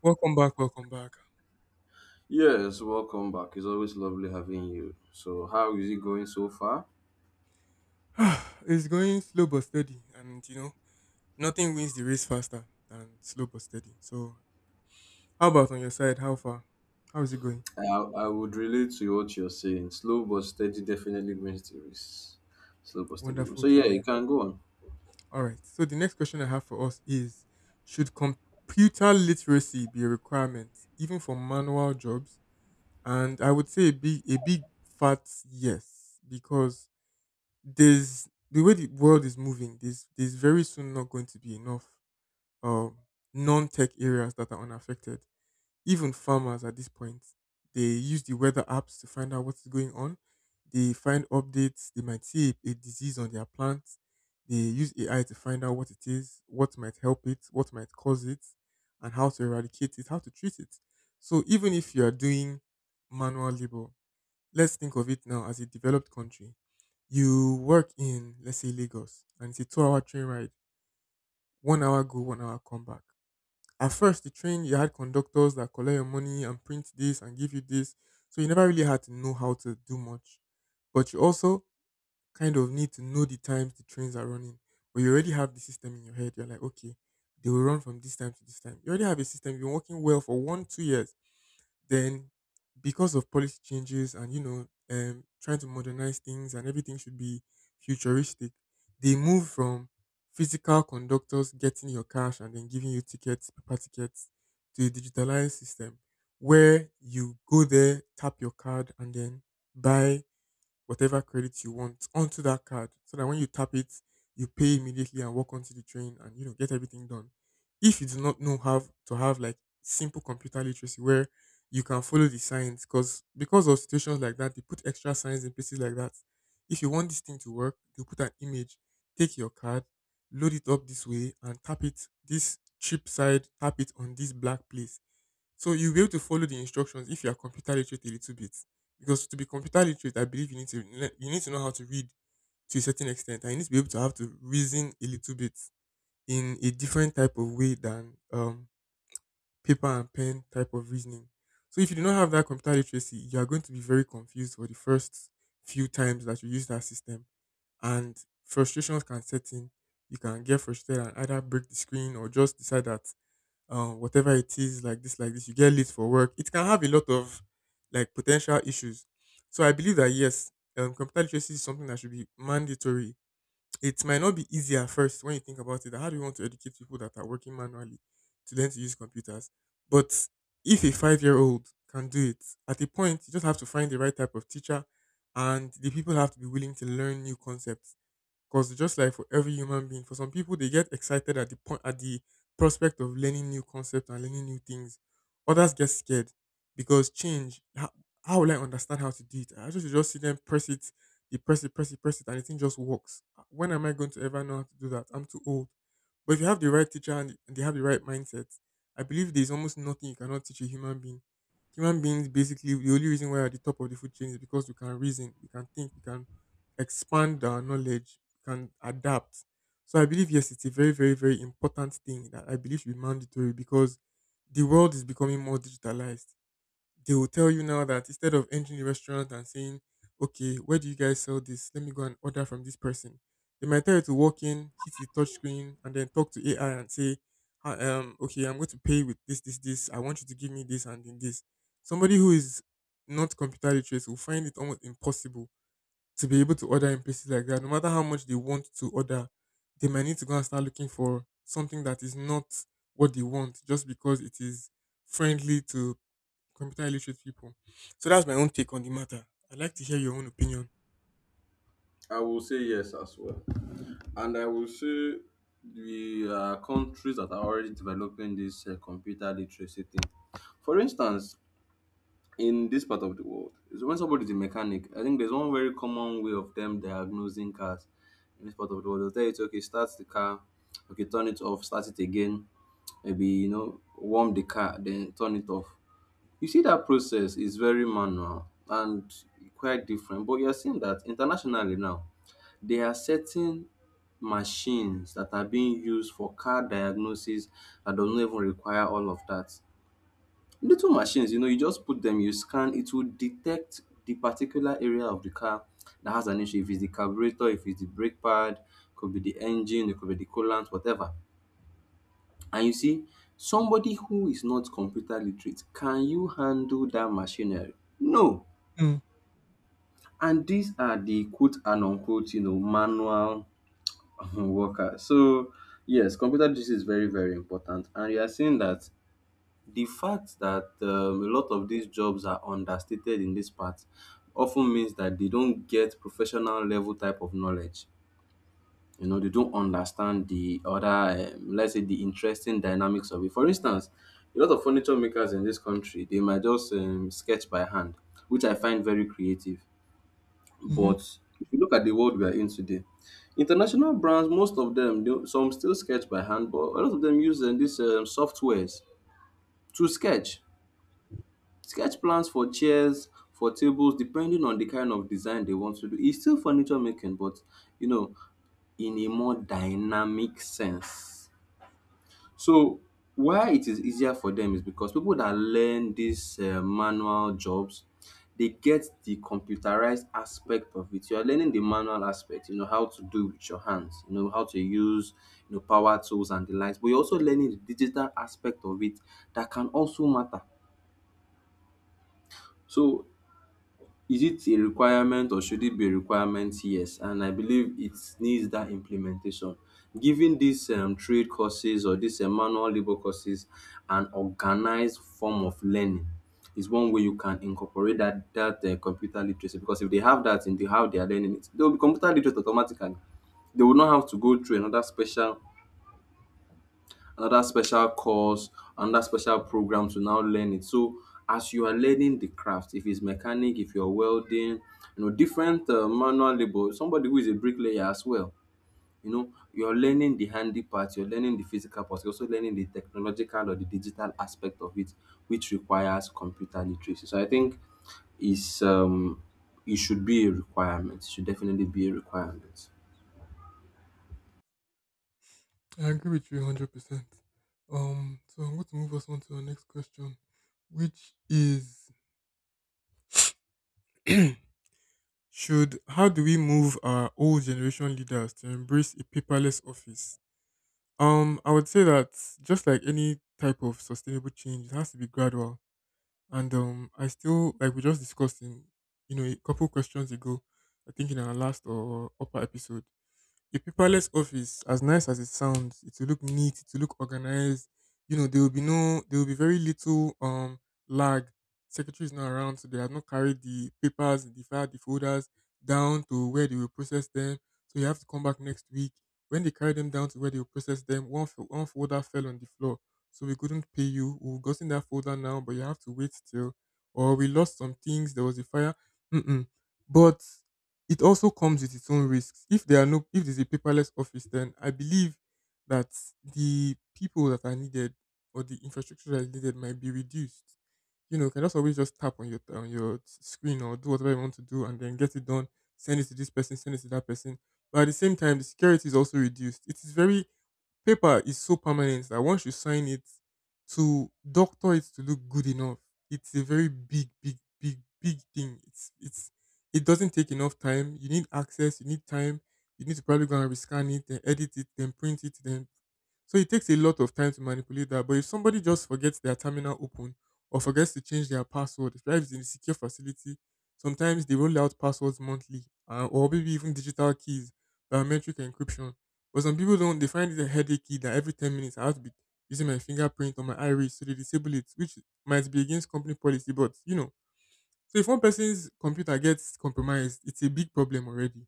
Welcome back, welcome back. Yes, welcome back. It's always lovely having you. So, how is it going so far? It's going slow but steady, and you know, nothing wins the race faster than slow but steady. So, how about on your side? How far? How is it going? I, I would relate to what you're saying. Slow but steady definitely wins the race. Slow but steady wins. Wonderful So, to yeah, you hear. can go on. All right. So, the next question I have for us is, should computer literacy be a requirement, even for manual jobs? And I would say a big fat yes, because there's the way the world is moving, there's very soon not going to be enough uh, non-tech areas that are unaffected. Even farmers at this point, they use the weather apps to find out what's going on. They find updates. They might see a disease on their plants. They use AI to find out what it is, what might help it, what might cause it, and how to eradicate it, how to treat it. So even if you are doing manual labor, let's think of it now as a developed country. You work in, let's say, Lagos, and it's a two-hour train ride. 1 hour go, 1 hour come back. At first, the train, you had conductors that collect your money and print this and give you this, so you never really had to know how to do much. But you also kind of need to know the times the trains are running. But you already have the system in your head. You're like, okay, they will run from this time to this time. You already have a system. You've been working well for one, 2 years, then because of policy changes and trying to modernize things and everything should be futuristic, they move from physical conductors getting your cash and then giving you tickets, paper tickets, to a digitalized system where you go there, tap your card, and then buy whatever credit you want onto that card so that when you tap it, you pay immediately and walk onto the train and, you know, get everything done. If you do not know how to have like simple computer literacy where you can follow the signs, because of situations like that, they put extra signs in places like that. If you want this thing to work, you put an image, take your card, load it up this way and tap it this cheap side, tap it on this black place, so you'll be able to follow the instructions if you are computer literate a little bit. Because to be computer literate, I believe you need to you need to know how to read to a certain extent, and you need to be able to have to reason a little bit in a different type of way than paper and pen type of reasoning. So if you do not have that computer literacy, you are going to be very confused for the first few times that you use that system, and frustrations can set in. You can get frustrated and either break the screen or just decide that whatever it is, like this, you get late for work. It can have a lot of like potential issues. So I believe that yes, computer literacy is something that should be mandatory. It might not be easy at first when you think about it. That, how do you want to educate people that are working manually to learn to use computers? But if a five-year-old can do it, at a point you just have to find the right type of teacher, and the people have to be willing to learn new concepts, because just like for every human being, for some people they get excited at the point at the prospect of learning new concepts and learning new things. Others get scared because change. How will I understand how to do it? I just see them press it, they press it, press it, press it, and the thing just works. When am I going to ever know how to do that? I'm too old. But if you have the right teacher and they have the right mindset, I believe there's almost nothing you cannot teach a human being. Human beings, basically the only reason why are at the top of the food chain is because we can reason, we can think, we can expand our knowledge, can adapt. So I believe yes, it's a very, very, very important thing that I believe should be mandatory because the world is becoming more digitalized. They will tell you now that instead of entering the restaurant and saying, "Okay, where do you guys sell this? Let me go and order from this person," they might tell you to walk in, hit the touch screen, and then talk to AI and say, "Hi, okay, I'm going to pay with this, this, this. I want you to give me this and then this." Somebody who is not computer literate will find it almost impossible to be able to order in places like that. No matter how much they want to order, they might need to go and start looking for something that is not what they want just because it is friendly to computer illiterate people. So that's my own take on the matter. I'd like to hear your own opinion. I will say yes as well. And I will say the countries that are already developing this computer literacy thing. For instance, in this part of the world is when somebody is a mechanic, I think there's one very common way of them diagnosing cars. In this part of the world, they'll tell you to, okay, start the car, okay, turn it off, start it again, maybe, you know, warm the car, then turn it off. You see, that process is very manual and quite different, but you're seeing that internationally now there are certain machines that are being used for car diagnosis that doesn't even require all of that. Little machines, you know, you just put them, you scan, it will detect the particular area of the car that has an issue. If it's the carburetor, if it's the brake pad, could be the engine, it could be the coolant, whatever. And you see, somebody who is not computer literate, can you handle that machinery? No. And these are the quote and unquote, you know, manual workers. So yes, computer literacy is very, very important. And you are seeing that. The fact that a lot of these jobs are understated in this part often means that they don't get professional level type of knowledge. You know, they don't understand the other, let's say, the interesting dynamics of it. For instance, a lot of furniture makers in this country, they might just sketch by hand, which I find very creative. Mm-hmm. But if you look at the world we are in today, international brands, most of them, some still sketch by hand, but a lot of them use these softwares to sketch plans for chairs, for tables, depending on the kind of design they want to do. It's still furniture making, but, you know, in a more dynamic sense. So why it is easier for them is because people that learn these manual jobs, they get the computerized aspect of it. You are learning the manual aspect, you know, how to do with your hands, you know, how to use, you know, power tools and the likes, but you're also learning the digital aspect of it that can also matter. So, is it a requirement or should it be a requirement? Yes, and I believe it needs that implementation. Giving these trade courses or these manual labor courses an organized form of learning is one way you can incorporate that computer literacy, because if they have that in the how they are learning it, they will be computer literate automatically. They will not have to go through another special course, another special program to now learn it. So as you are learning the craft, if it's mechanic, if you're welding, you know, different manual labor, somebody who is a bricklayer as well, you know, you're learning the handy part, you're learning the physical part, you're also learning the technological or the digital aspect of it, which requires computer literacy. So I think is it should be a requirement. It should definitely be a requirement. I agree with you 100%. So I'm going to move us on to our next question, which is should, how do we move our old generation leaders to embrace a paperless office? I would say that just like any type of sustainable change, it has to be gradual. And I still like we just discussed in, you know, a couple questions ago, I think in our last or upper episode, a paperless office, as nice as it sounds, it will look neat, it will look organized. You know, there will be no, there will be very little lag. Secretary is not around, so they have not carried the papers, the file, the folders down to where they will process them. So you have to come back next week. When they carry them down to where they will process them, one folder fell on the floor, so we couldn't pay you. We've gotten that folder now, but you have to wait still. Or we lost some things. There was a fire. Mm-mm. But it also comes with its own risks. If there's a paperless office, then I believe that the people that are needed or the infrastructure that is needed might be reduced. You know, you can just always just tap on your screen or do whatever you want to do and then get it done. Send it to this person, send it to that person. But at the same time, the security is also reduced. It is very. Paper is so permanent that once you sign it, to doctor it to look good enough, it's a very big, big, big, big thing. It's it doesn't take enough time. You need access. You need time. You need to probably go and rescan it, then edit it, then print it, then, so it takes a lot of time to manipulate that. But if somebody just forgets their terminal open or forgets to change their password, especially if it's in a secure facility, sometimes they roll out passwords monthly, or maybe even digital keys, biometric encryption. But some people don't, they find it a headache key that every 10 minutes I have to be using my fingerprint or my iris, so they disable it, which might be against company policy. But, you know, so if one person's computer gets compromised, it's a big problem already.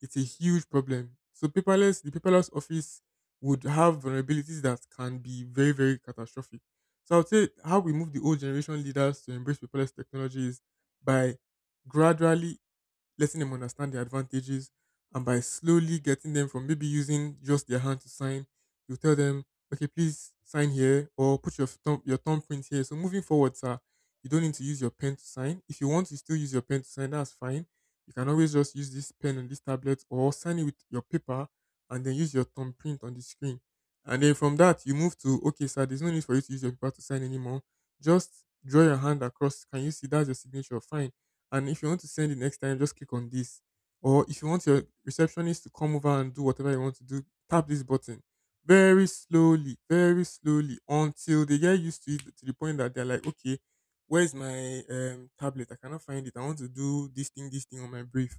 It's a huge problem. So paperless, the paperless office would have vulnerabilities that can be very, very catastrophic. So I would say how we move the old generation leaders to embrace paperless technology is by gradually letting them understand the advantages, and by slowly getting them from maybe using just their hand to sign, you tell them, okay, please sign here or put your thumb your thumbprint here. So moving forward, sir, you don't need to use your pen to sign. If you want to still use your pen to sign, that's fine. You can always just use this pen on this tablet or sign it with your paper and then use your thumbprint on the screen. And then from that, you move to, okay, sir, there's no need for you to use your paper to sign anymore. Just draw your hand across. Can you see that's your signature? Fine, and if you want to send it next time, just click on this. Or if you want your receptionist to come over and do whatever you want to do, tap this button very slowly until they get used to it to the point that they're like, okay, where's my tablet? I cannot find it. I want to do this thing on my brief.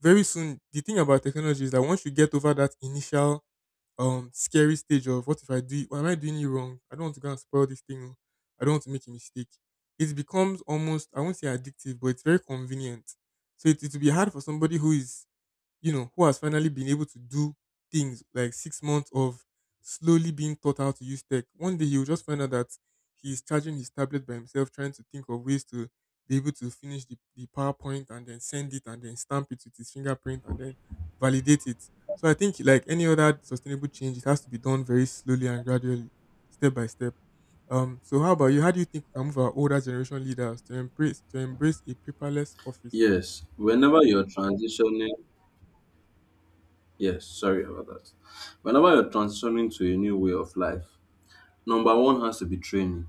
Very soon, the thing about technology is that once you get over that initial scary stage of what if I do it? Am I doing it wrong? I don't want to go and spoil this thing. Oh. I don't want to make a mistake. It becomes almost, I won't say addictive, but it's very convenient. So it will be hard for somebody who is, who has finally been able to do things like 6 months of slowly being taught how to use tech. One day he'll just find out that he's charging his tablet by himself, trying to think of ways to be able to finish the PowerPoint and then send it and then stamp it with his fingerprint and then validate it. So I think, like any other sustainable change, it has to be done very slowly and gradually, step by step. So how about you? How do you think we can move our older generation leaders to embrace a paperless office? Yes. Whenever you're transitioning Yes, sorry about that. Whenever you're transforming to a new way of life, number one has to be training.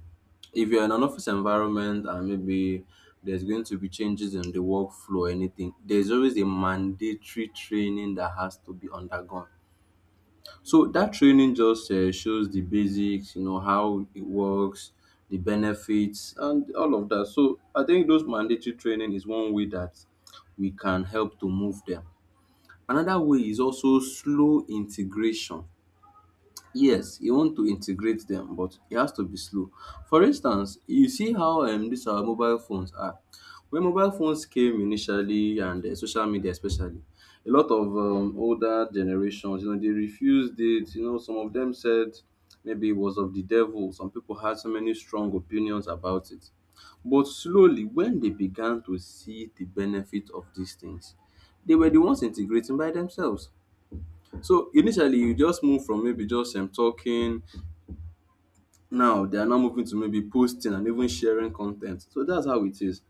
If you're in an office environment and maybe there's going to be changes in the workflow or anything, there's always a mandatory training that has to be undergone. So that training just shows the basics, you know, how it works, the benefits, and all of that. So I think those mandatory training is one way that we can help to move them. Another way is also slow integration. Yes, you want to integrate them, but it has to be slow. For instance, you see how these our mobile phones are. When mobile phones came initially, and social media especially, a lot of older generations, you know, they refused it. You know, some of them said maybe it was of the devil. Some people had so many strong opinions about it. But slowly, when they began to see the benefit of these things, they were the ones integrating by themselves. So initially you just move from maybe just talking, now they are now moving to maybe posting and even sharing content. So that's how it is.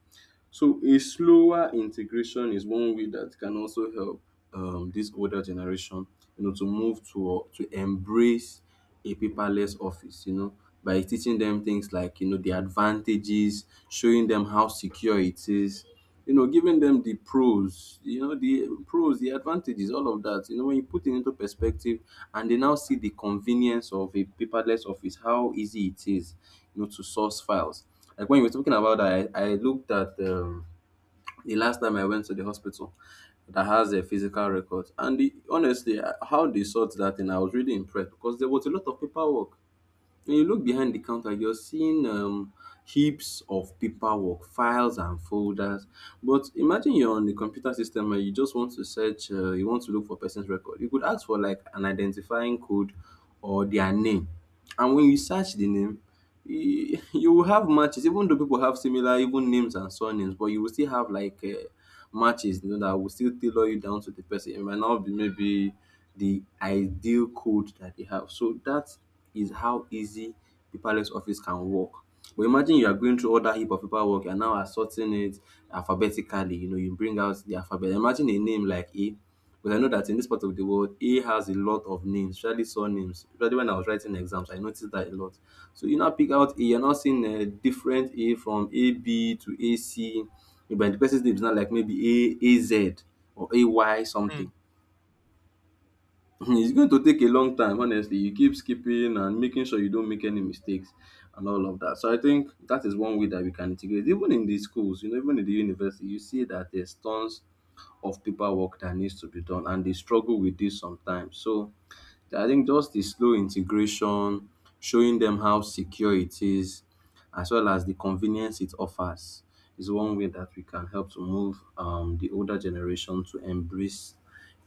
So a slower integration is one way that can also help this older generation, you know, to move to embrace a paperless office, you know, by teaching them things like, you know, the advantages, showing them how secure it is, you know, giving them the pros, you know, the pros, the advantages, all of that. You know, when you put it into perspective and they now see the convenience of a paperless office, how easy it is, you know, to source files. Like when you were talking about that, I looked at, the last time I went to the hospital that has a physical record. And the, honestly, how they sort that thing, I was really impressed because there was a lot of paperwork. When you look behind the counter, you're seeing heaps of paperwork, files, and folders. But imagine you're on the computer system and you just want to search, you want to look for person's record. You could ask for like an identifying code or their name. And when you search the name, you, you will have matches, even though people have similar even names and surnames, but you will still have like matches, you know, that will still tailor you down to the person. It might not be maybe the ideal code that they have. So that is how easy the Palace office can work. But imagine you are going through all that heap of paperwork, and now assorting it alphabetically, you know, you bring out the alphabet. Imagine a name like A, but I know that in this part of the world, A has a lot of names, especially surnames. Especially when I was writing exams, I noticed that a lot. So you now pick out A, you're not seeing a different A from AB to AC. But the person's name is not like maybe A Z or AY something. It's going to take a long time, honestly. You keep skipping and making sure you don't make any mistakes and all of that. So I think that is one way that we can integrate. Even in the schools, you know, even in the university, you see that there's tons of paperwork that needs to be done and they struggle with this sometimes. So I think just the slow integration, showing them how secure it is, as well as the convenience it offers, is one way that we can help to move, the older generation to embrace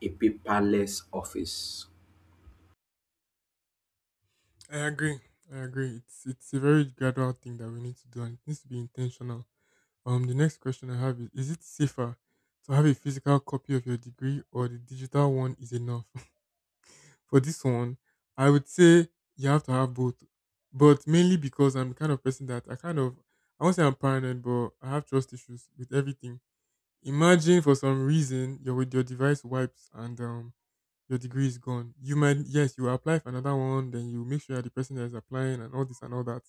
a paperless office. I agree. I agree. It's a very gradual thing that we need to do, and it needs to be intentional. The next question I have is: is it safer to have a physical copy of your degree, or the digital one is enough? For this one, I would say you have to have both, but mainly because I'm the kind of person that I kind of, I won't say I'm paranoid, but I have trust issues with everything. Imagine for some reason your with your device wipes and your degree is gone. You might, yes, you apply for another one, then you make sure that the person that is applying and all this and all that.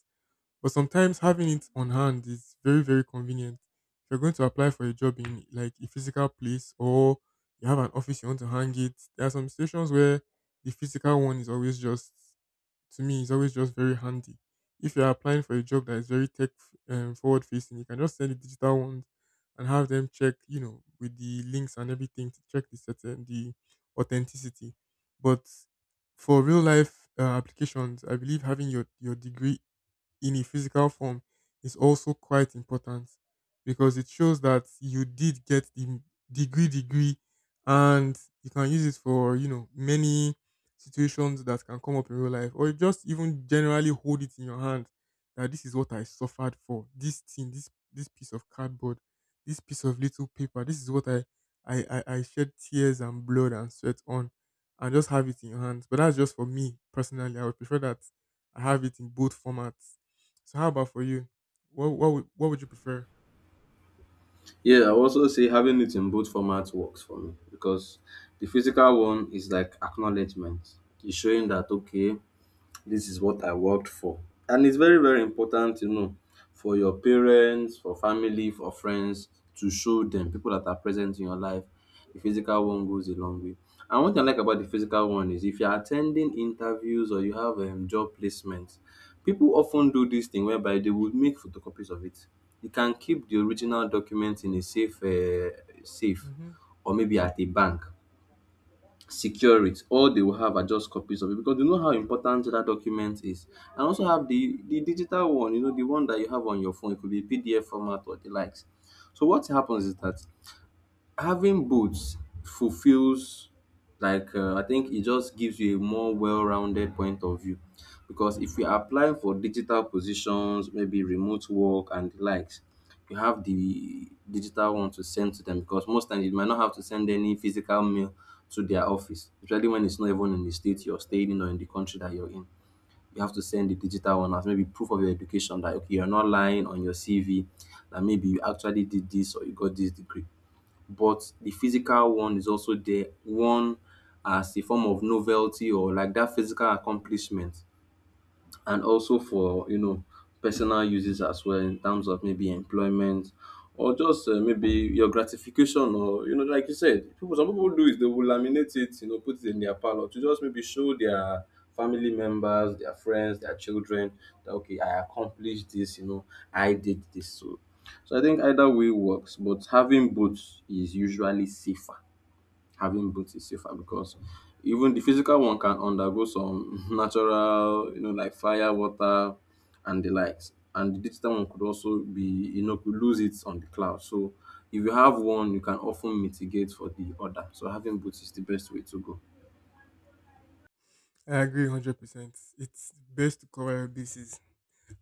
But sometimes having it on hand is very, very convenient. If you're going to apply for a job in like a physical place, or you have an office you want to hang it, there are some situations where the physical one is always just to me is always just very handy. If you're applying for a job that is very tech forward facing, you can just send the digital ones and have them check, with the links and everything to check the authenticity. But for real life applications, I believe having your degree in a physical form is also quite important, because it shows that you did get the degree and you can use it for, many situations that can come up in real life, or just even generally hold it in your hand that this is what I suffered for. This thing, this piece of cardboard, this piece of little paper, this is what I shed tears and blood and sweat on, and just have it in your hands. But that's just for me personally; I would prefer that I have it in both formats. So how about for you? What would you prefer? Yeah, I also say having it in both formats works for me because the physical one is like acknowledgement. It's showing that, okay, this is what I worked for. And it's very, very important, you know, for your parents, for family, for friends, to show them people that are present in your life. The physical one goes a long way. And one thing I like about the physical one is if you're attending interviews or you have job placements, people often do this thing whereby they would make photocopies of it. You can keep the original document in a safe, safe, Hmm. or maybe at a bank, secure it. All they will have are just copies of it because they know how important that document is. And also have the digital one, you know, the one that you have on your phone. It could be PDF format or the likes. So what happens is that having both fulfills like, I think it just gives you a more well-rounded point of view, because if you apply for digital positions, maybe remote work and the likes, you have the digital one to send to them, because most times you might not have to send any physical mail to their office, especially when it's not even in the state you're staying in or in the country that you're in. You have to send the digital one as maybe proof of your education that okay, you're not lying on your CV, that maybe you actually did this or you got this degree, but the physical one is also there. One, as a form of novelty or like that physical accomplishment, and also for personal uses as well, in terms of maybe employment or just maybe your gratification, or you know, like you said, people, some people do, is they will laminate it, you know, put it in their parlor to just maybe show their family members, their friends, their children that okay, I accomplished this, you know, I did this. So I think either way works, but having both is usually safer. Having boots is safer because even the physical one can undergo some natural, you know, like fire, water, and the likes. And the digital one could also be, you know, could lose it on the cloud. So if you have one, you can often mitigate for the other. So having boots is the best way to go. I agree 100%. It's best to cover your bases.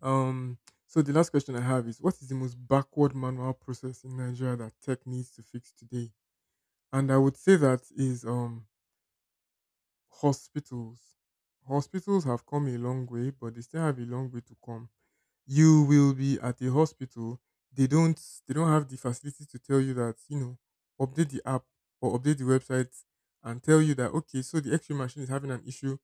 Um so the last question I have is, what is the most backward manual process in Nigeria that tech needs to fix today? And I would say that is hospitals. Hospitals have come a long way, but they still have a long way to come. You will be at a hospital, they don't they don't have the facility to tell you that, update the app or update the website and tell you that, okay, so the x-ray machine is having an issue.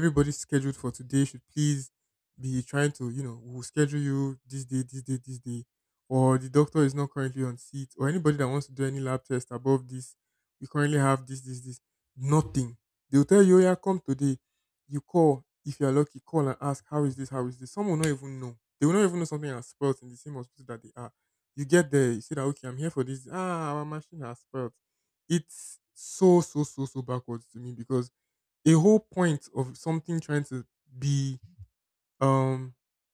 Everybody scheduled for today should please be trying to, we'll schedule you this day, this day, this day, or the doctor is not currently on seat, or anybody that wants to do any lab test above this, we currently have this, this, this. Nothing. They'll tell you, "Oh, yeah, come today." You call, if you're lucky, call and ask, how is this, how is this? Some will not even know. They will not even know something has spoiled in the same hospital that they are. You get there, you say that, okay, I'm here for this. Ah, our machine has spoiled. It's so, so, so, so backwards to me, because a whole point of something trying to be um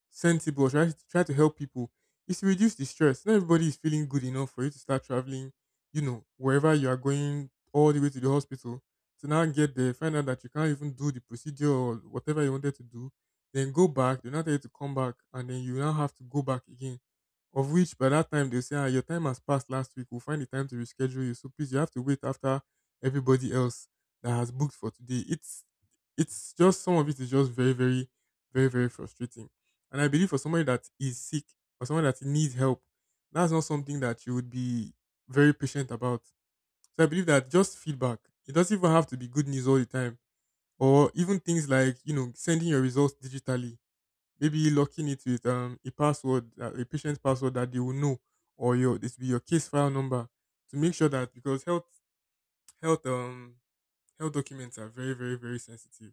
sensible, try to help people, is to reduce the stress. Not everybody is feeling good enough for you to start traveling, wherever you are going, all the way to the hospital, to now get there, find out that you can't even do the procedure or whatever you wanted to do, then go back, they're not there, to come back, and then you now have to go back again. Of which, by that time, they'll say, ah, your time has passed last week, we'll find the time to reschedule you. So please, you have to wait after everybody else that has booked for today. It's just some of it is just very, very, very, very frustrating. And I believe, for somebody that is sick or someone that needs help, that's not something that you would be very patient about. So I believe that just feedback, it doesn't even have to be good news all the time, or even things like, sending your results digitally, maybe locking it with a password, a patient's password that they will know, or your this will be your case file number, to make sure that, because health um Health documents are very, very, very sensitive.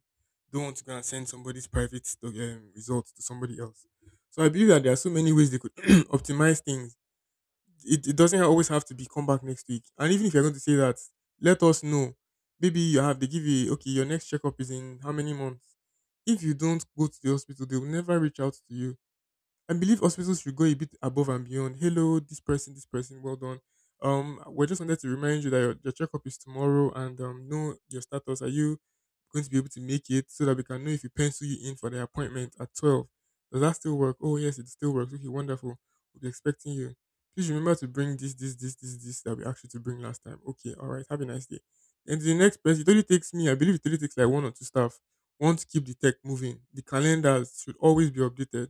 Don't want to go and send somebody's private results to somebody else. So I believe that there are so many ways they could optimize things. It doesn't always have to be come back next week. And even if you're going to say that, let us know. Maybe you have, they give you, okay, your next checkup is in how many months? If you don't go to the hospital, they will never reach out to you. I believe hospitals should go a bit above and beyond. Hello, this person, well done. We just wanted to remind you that your checkup is tomorrow, and know your status. Are you going to be able to make it, so that we can know if you pencil you in for the appointment at 12? Does that still work? Oh, yes, it still works. Okay, wonderful. We'll be expecting you. Please remember to bring this, this, this, this, this that we asked you to bring last time. Okay, all right. Have a nice day. And the next person. It only takes me, I believe it only takes like one or two staff. Want to keep the tech moving. The calendars should always be updated.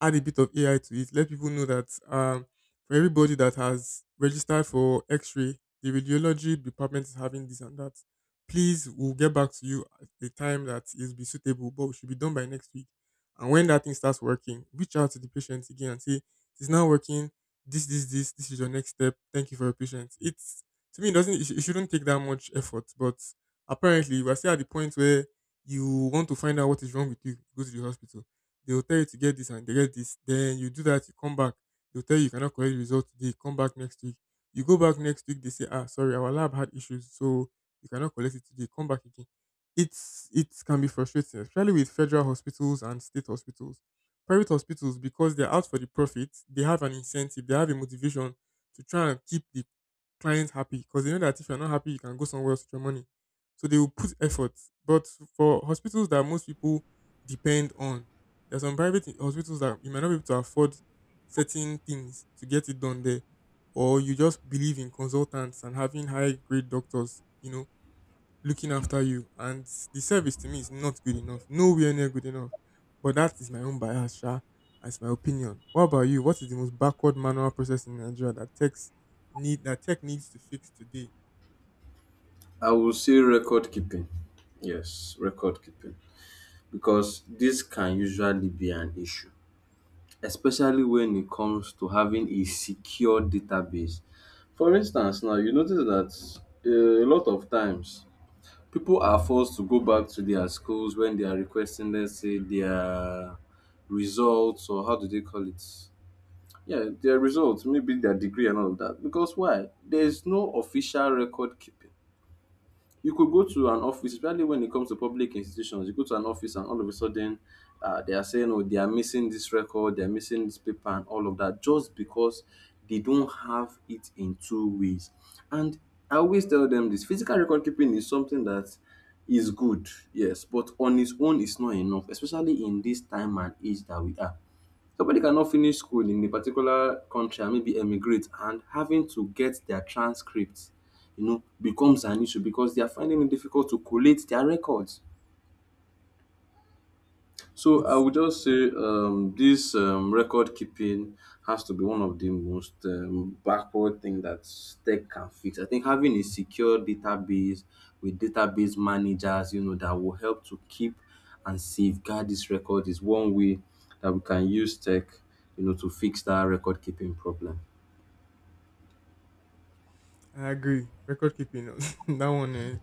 Add a bit of AI to it. Let people know that, for everybody that has registered for X-ray, the radiology department is having this and that. Please, we'll get back to you at the time that is be suitable, but we should be done by next week. And when that thing starts working, reach out to the patient again and say, "It's now working. This, this, this. This is your next step. Thank you for your patience." It's to me, it doesn't. It shouldn't take that much effort, but apparently, we're still at the point where you want to find out what is wrong with you. Go to the hospital, they will tell you to get this and they get this. Then you do that, you come back. They'll tell you you cannot collect the result today, come back next week. You go back next week, they say, ah, sorry, our lab had issues, so you cannot collect it today, come back again. It can be frustrating, especially with federal hospitals and state hospitals. Private hospitals, because they're out for the profit, they have an incentive, they have a motivation to try and keep the client happy, because they know that if you're not happy, you can go somewhere else with your money. So they will put effort. But for hospitals that most people depend on, there are some private hospitals that you might not be able to afford certain things to get it done there, or you just believe in consultants and having high grade doctors, looking after you. And the service to me is not good enough, nowhere near good enough. But that is my own bias, Sha. That's my opinion. What about you? What is the most backward manual process in Nigeria that tech needs to fix today? I will say record keeping. Yes, record keeping. Because this can usually be an issue, especially when it comes to having a secure database. For instance now, you notice that a lot of times people are forced to go back to their schools when they are requesting, let's say, their results, or how do they call it? Yeah, their results, maybe their degree and all of that. Because why? There is no official record keeping. You could go to an office, especially when it comes to public institutions. You go to an office, and all of a sudden, they are saying, "Oh, they are missing this record, they are missing this paper, and all of that," just because they don't have it in two ways. And I always tell them this: physical record keeping is something that is good, yes, but on its own, it's not enough, especially in this time and age that we are. Somebody cannot finish school in a particular country and maybe emigrate and having to get their transcripts, you know, becomes an issue because they are finding it difficult to collate their records. So I It's would just say this record keeping has to be one of the most backward thing that tech can fix. I think having a secure database with database managers, you know, that will help to keep and safeguard this record is one way that we can use tech, you know, to fix that record keeping problem. I agree. Record keeping, that one. Eh?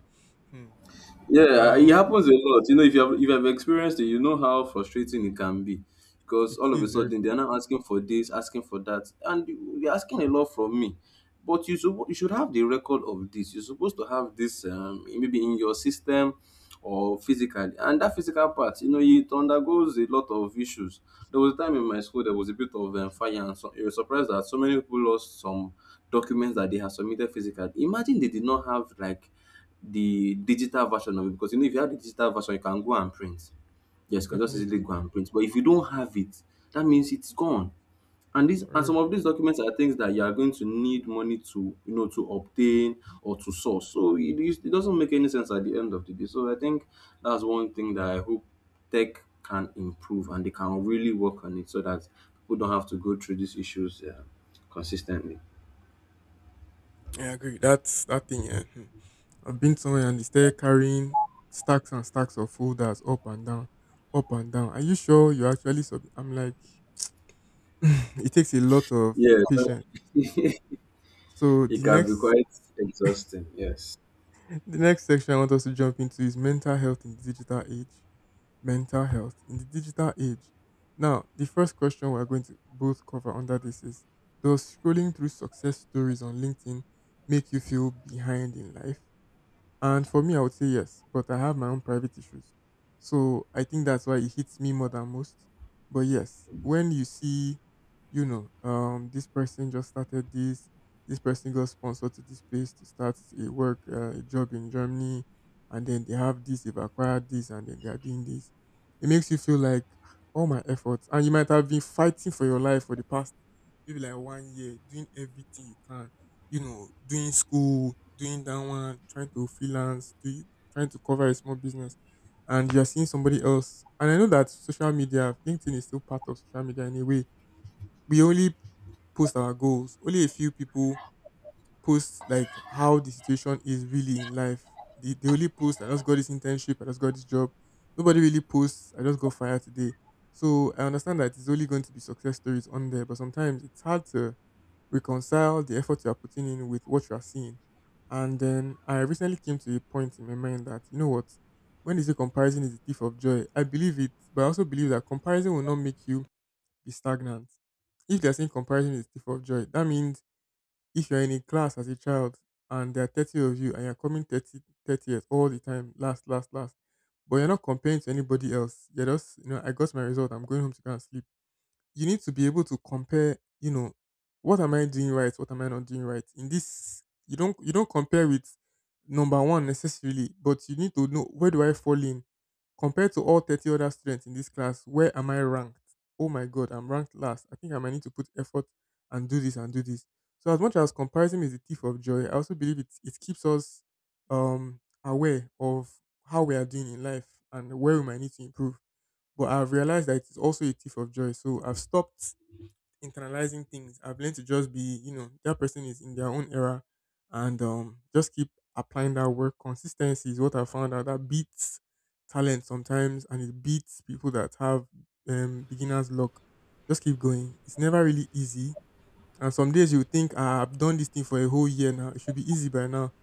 Hmm. Yeah, it Um, happens a lot. You know, if you have experienced it, you know how frustrating it can be. Because it all of a is very, sudden they're now asking for this, asking for that, and they're asking a lot from me. But you should have the record of this. You're supposed to have this, maybe in your system or physically. And that physical part, you know, it undergoes a lot of issues. There was a time in my school there was a bit of fire, and so you were surprised that so many people lost some documents that they had submitted physically. Imagine they did not have like the digital version of it, because you know, if you have the digital version you can go and print. Yes, you can just easily definitely go and print, but if you don't have it, that means it's gone. And this, and forever. some of these documents are things that you are going to need money to, you know, to obtain or to source. So it doesn't make any sense at the end of the day. So I think that's one thing that I hope tech can improve, and they can really work on it so that people don't have to go through these issues consistently. Yeah, I agree. That's that thing. Yeah. Hmm. I've been somewhere and they started carrying stacks and stacks of folders up and down, up and down. Are you sure you actually sub? I'm like, it takes a lot of Yes, patience. So it the can be next, quite exhausting, yes. the next section I want us to jump into is mental health in the digital age. Mental health in the digital age. Now, the first question we're going to both cover under this is: Does scrolling through success stories on LinkedIn make you feel behind in life? And for me, I would say yes, but I have my own private issues. So I think that's why it hits me more than most. But yes, when you see, this person just started this, this person got sponsored to this place to start a job in Germany, and then they have this, they've acquired this, and then they are doing this. It makes you feel like "Ah, all my efforts, and you might have been fighting for your life for the past maybe like one year, doing everything you can doing school, doing that one, trying to freelance, trying to cover a small business, and you're seeing somebody else. And I know that social media, LinkedIn is still part of social media in a way. We only post our goals. Only a few people post like how the situation is really in life. They only post, I just got this internship, I just got this job. Nobody really posts, I just got fired today. So I understand that it's only going to be success stories on there, but sometimes it's hard to reconcile the effort you are putting in with what you are seeing. And then I recently came to a point in my mind that, you know what, when they say comparison is the thief of joy, I believe it, but I also believe that comparison will not make you be stagnant. If they're saying comparison is the thief of joy, that means if you're in a class as a child and there are 30 of you and you're coming 30, 30th all the time, last, last, last, but you're not comparing to anybody else. You're just, I got my result. I'm going home to go and sleep. You need to be able to compare, what am I doing right, what am I not doing right. In this you don't compare with number one necessarily, but you need to know where do I fall in compared to all 30 other students in this class, where am I ranked? Oh my god, I'm ranked last. I think I might need to put effort and do this and do this. So as much as comparison is the thief of joy, I also believe it keeps us aware of how we are doing in life and where we might need to improve. But I've realized that it's also a thief of joy. So I've stopped internalizing things. I've learned to just be, that person is in their own era, and just keep applying that work. Consistency is what I found out that beats talent sometimes and it beats people that have beginner's luck. Just keep going. It's never really easy. And some days you think, "Ah, I've done this thing for a whole year now. It should be easy by now.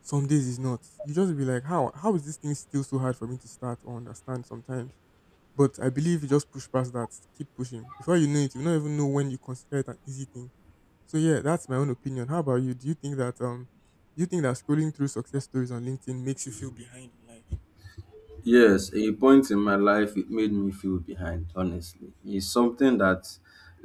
Some days it's not. You just be like, how is this thing still so hard for me to start or understand sometimes? But I believe you just push past that. Keep pushing. Before you know it, you don't even know when you consider it an easy thing. So yeah, that's my own opinion. How about you? Do you think that do you think that scrolling through success stories on LinkedIn makes you feel behind in life? Yes, a point in my life it made me feel behind, honestly. It's something that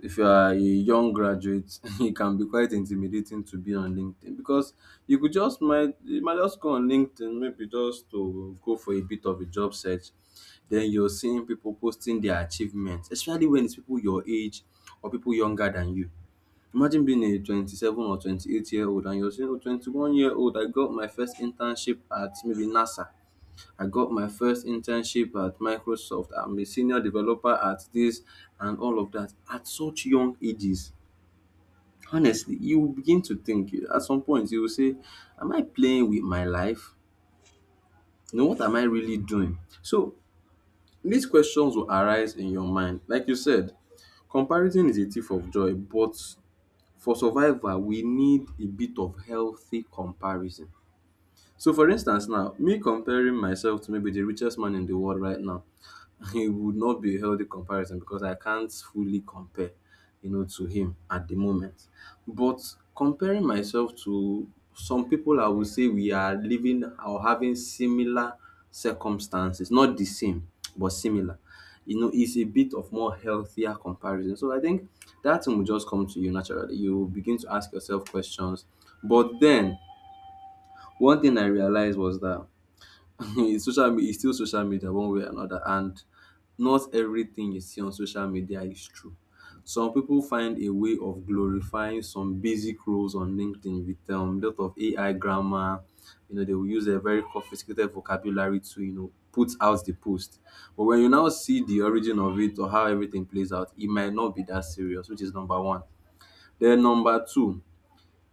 if you are a young graduate, it can be quite intimidating to be on LinkedIn, because you might just go on LinkedIn maybe just to go for a bit of a job search. Then you're seeing people posting their achievements, especially when it's people your age or people younger than you. Imagine being a 27 or 28-year-old and you're saying, oh, 21-year-old, I got my first internship at maybe NASA, I got my first internship at Microsoft. I'm a senior developer at this, and all of that at such young ages. Honestly, you will begin to think, at some point you will say, am I playing with my life? You know, what am I really doing? So these questions will arise in your mind. Like you said, comparison is a thief of joy, but for survival, we need a bit of healthy comparison. So for instance now, me comparing myself to maybe the richest man in the world right now, it would not be a healthy comparison because I can't fully compare, you know, to him at the moment. But comparing myself to some people, I would say we are living or having similar circumstances, not the same, but similar. You know, it's a bit of more healthier comparison. So I think that thing will just come to you naturally. You will begin to ask yourself questions. But then, one thing I realized was that it's still social media one way or another, and not everything you see on social media is true. Some people find a way of glorifying some basic roles on LinkedIn with lot of AI grammar. You know, they will use a very sophisticated vocabulary to, you know, put out the post, but when you now see the origin of it or how everything plays out, it might not be that serious, which is number one. Then number two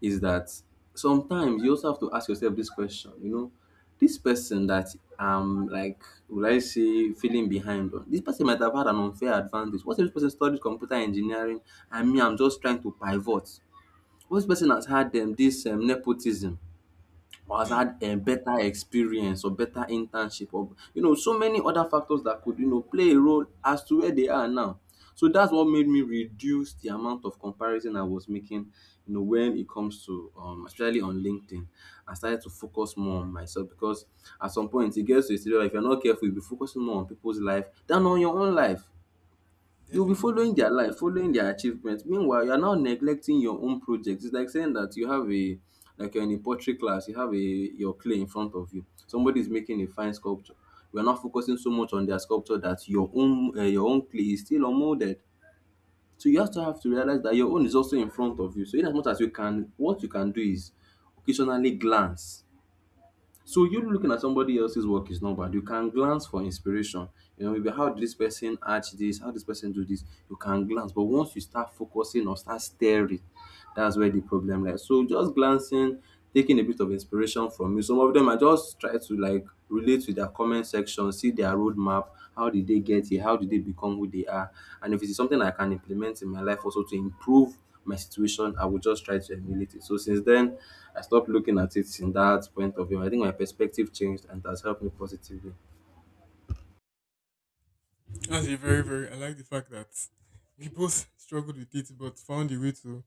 is that sometimes you also have to ask yourself this question, you know, this person that I'm like, would I say, feeling behind on, this person might have had an unfair advantage. What if this person studied computer engineering and me, I'm just trying to pivot? What if this person has had this nepotism, or has Hmm. had a better experience or better internship, or you know, so many other factors that could, you know, play a role as to where they are now. So that's what made me reduce the amount of comparison I was making, you know, when it comes to, um, especially on LinkedIn. I started to focus more on myself because at some point it gets to a stage where if you're not careful, you'll be focusing more on people's life than on your own life. You'll be Definitely. following their life, following their achievements. Meanwhile, you're now neglecting your own projects. It's like saying that you have a, like you're in a pottery class, you have a your clay in front of you. Somebody is making a fine sculpture. We are not focusing so much on their sculpture that your own, your own clay is still unmolded. So you have to realize that your own is also in front of you. So in as much as you can, what you can do is occasionally glance. So you looking at somebody else's work is not bad. You can glance for inspiration. You know, maybe how did this person arch this, how this person do this. You can glance, but once you start focusing or start staring, that's where the problem lies. So just glancing, taking a bit of inspiration from you. Some of them I just try to like relate to their comment section, see their roadmap, how did they get here, how did they become who they are, and if it's something I can implement in my life also to improve my situation, I would just try to emulate it. So since then, I stopped looking at it in that point of view. I think my perspective changed and it has helped me positively. That's a very, very I like the fact that we both struggled with it but found a way to,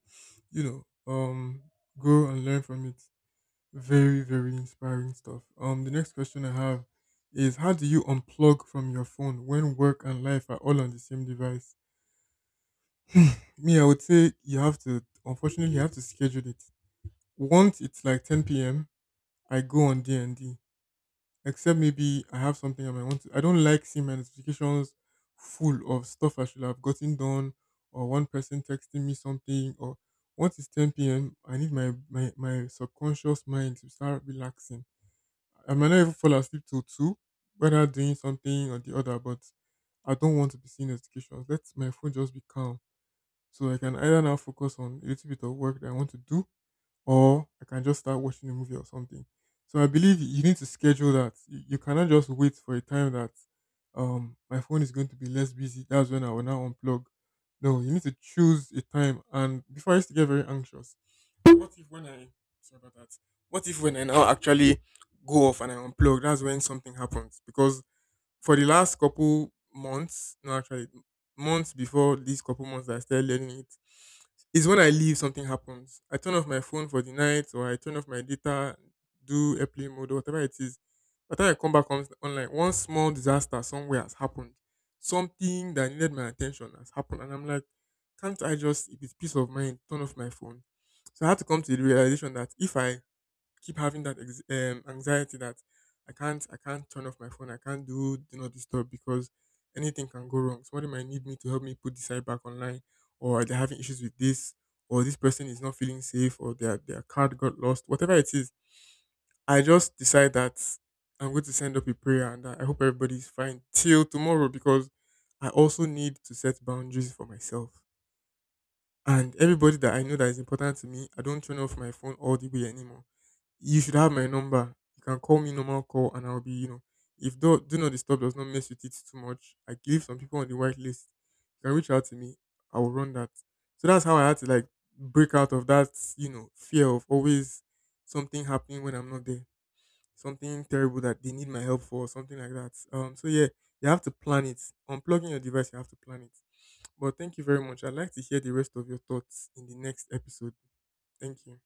you know, um grow and learn from it. Very, very inspiring stuff. The next question I have is how do you unplug from your phone when work and life are all on the same device? Me, I would say you have to, unfortunately, you have to schedule it. Once it's like 10 p.m., I go on D&D. Except maybe I have something I might want to. I don't like seeing my notifications full of stuff I should have gotten done or one person texting me something. Or once it's 10 p.m., I need my subconscious mind to start relaxing. I might not even fall asleep till 2, whether doing something or the other, but I don't want to be seeing notifications. Let my phone just be calm so I can either now focus on a little bit of work that I want to do, or I can just start watching a movie or something. So I believe you need to schedule that. You cannot just wait for a time that my phone is going to be less busy. That's when I will now unplug. No, you need to choose a time. And before I used to get very anxious, what if when I sorry about that? What if when I now actually go off and I unplug, that's when something happens because for the last couple months, no, actually months before these couple months that I started learning it, is when I leave something happens. I turn off my phone for the night, or I turn off my data, do airplane mode, or whatever it is. By the time I come back on online, one small disaster somewhere has happened. Something that needed my attention has happened, and I'm like, can't I just, if it's peace of mind, turn off my phone? So I had to come to the realization that if I keep having that anxiety that I can't turn off my phone. I can't do not disturb because anything can go wrong. Somebody might need me to help me put the site back online, or they're having issues with this, or this person is not feeling safe, or their card got lost. Whatever it is, I just decide that I'm going to send up a prayer and that I hope everybody's fine till tomorrow because I also need to set boundaries for myself. And everybody that I know that is important to me, I don't turn off my phone all the way anymore. You should have my number. You can call me normal call and I'll be, if do not disturb does not mess with it too much, I give some people on the white list. You can reach out to me. I will run that. So that's how I had to like break out of that, fear of always something happening when I'm not there. Something terrible that they need my help for, something like that. So yeah, you have to plan it. Unplugging your device, you have to plan it. But thank you very much. I'd like to hear the rest of your thoughts in the next episode. Thank you.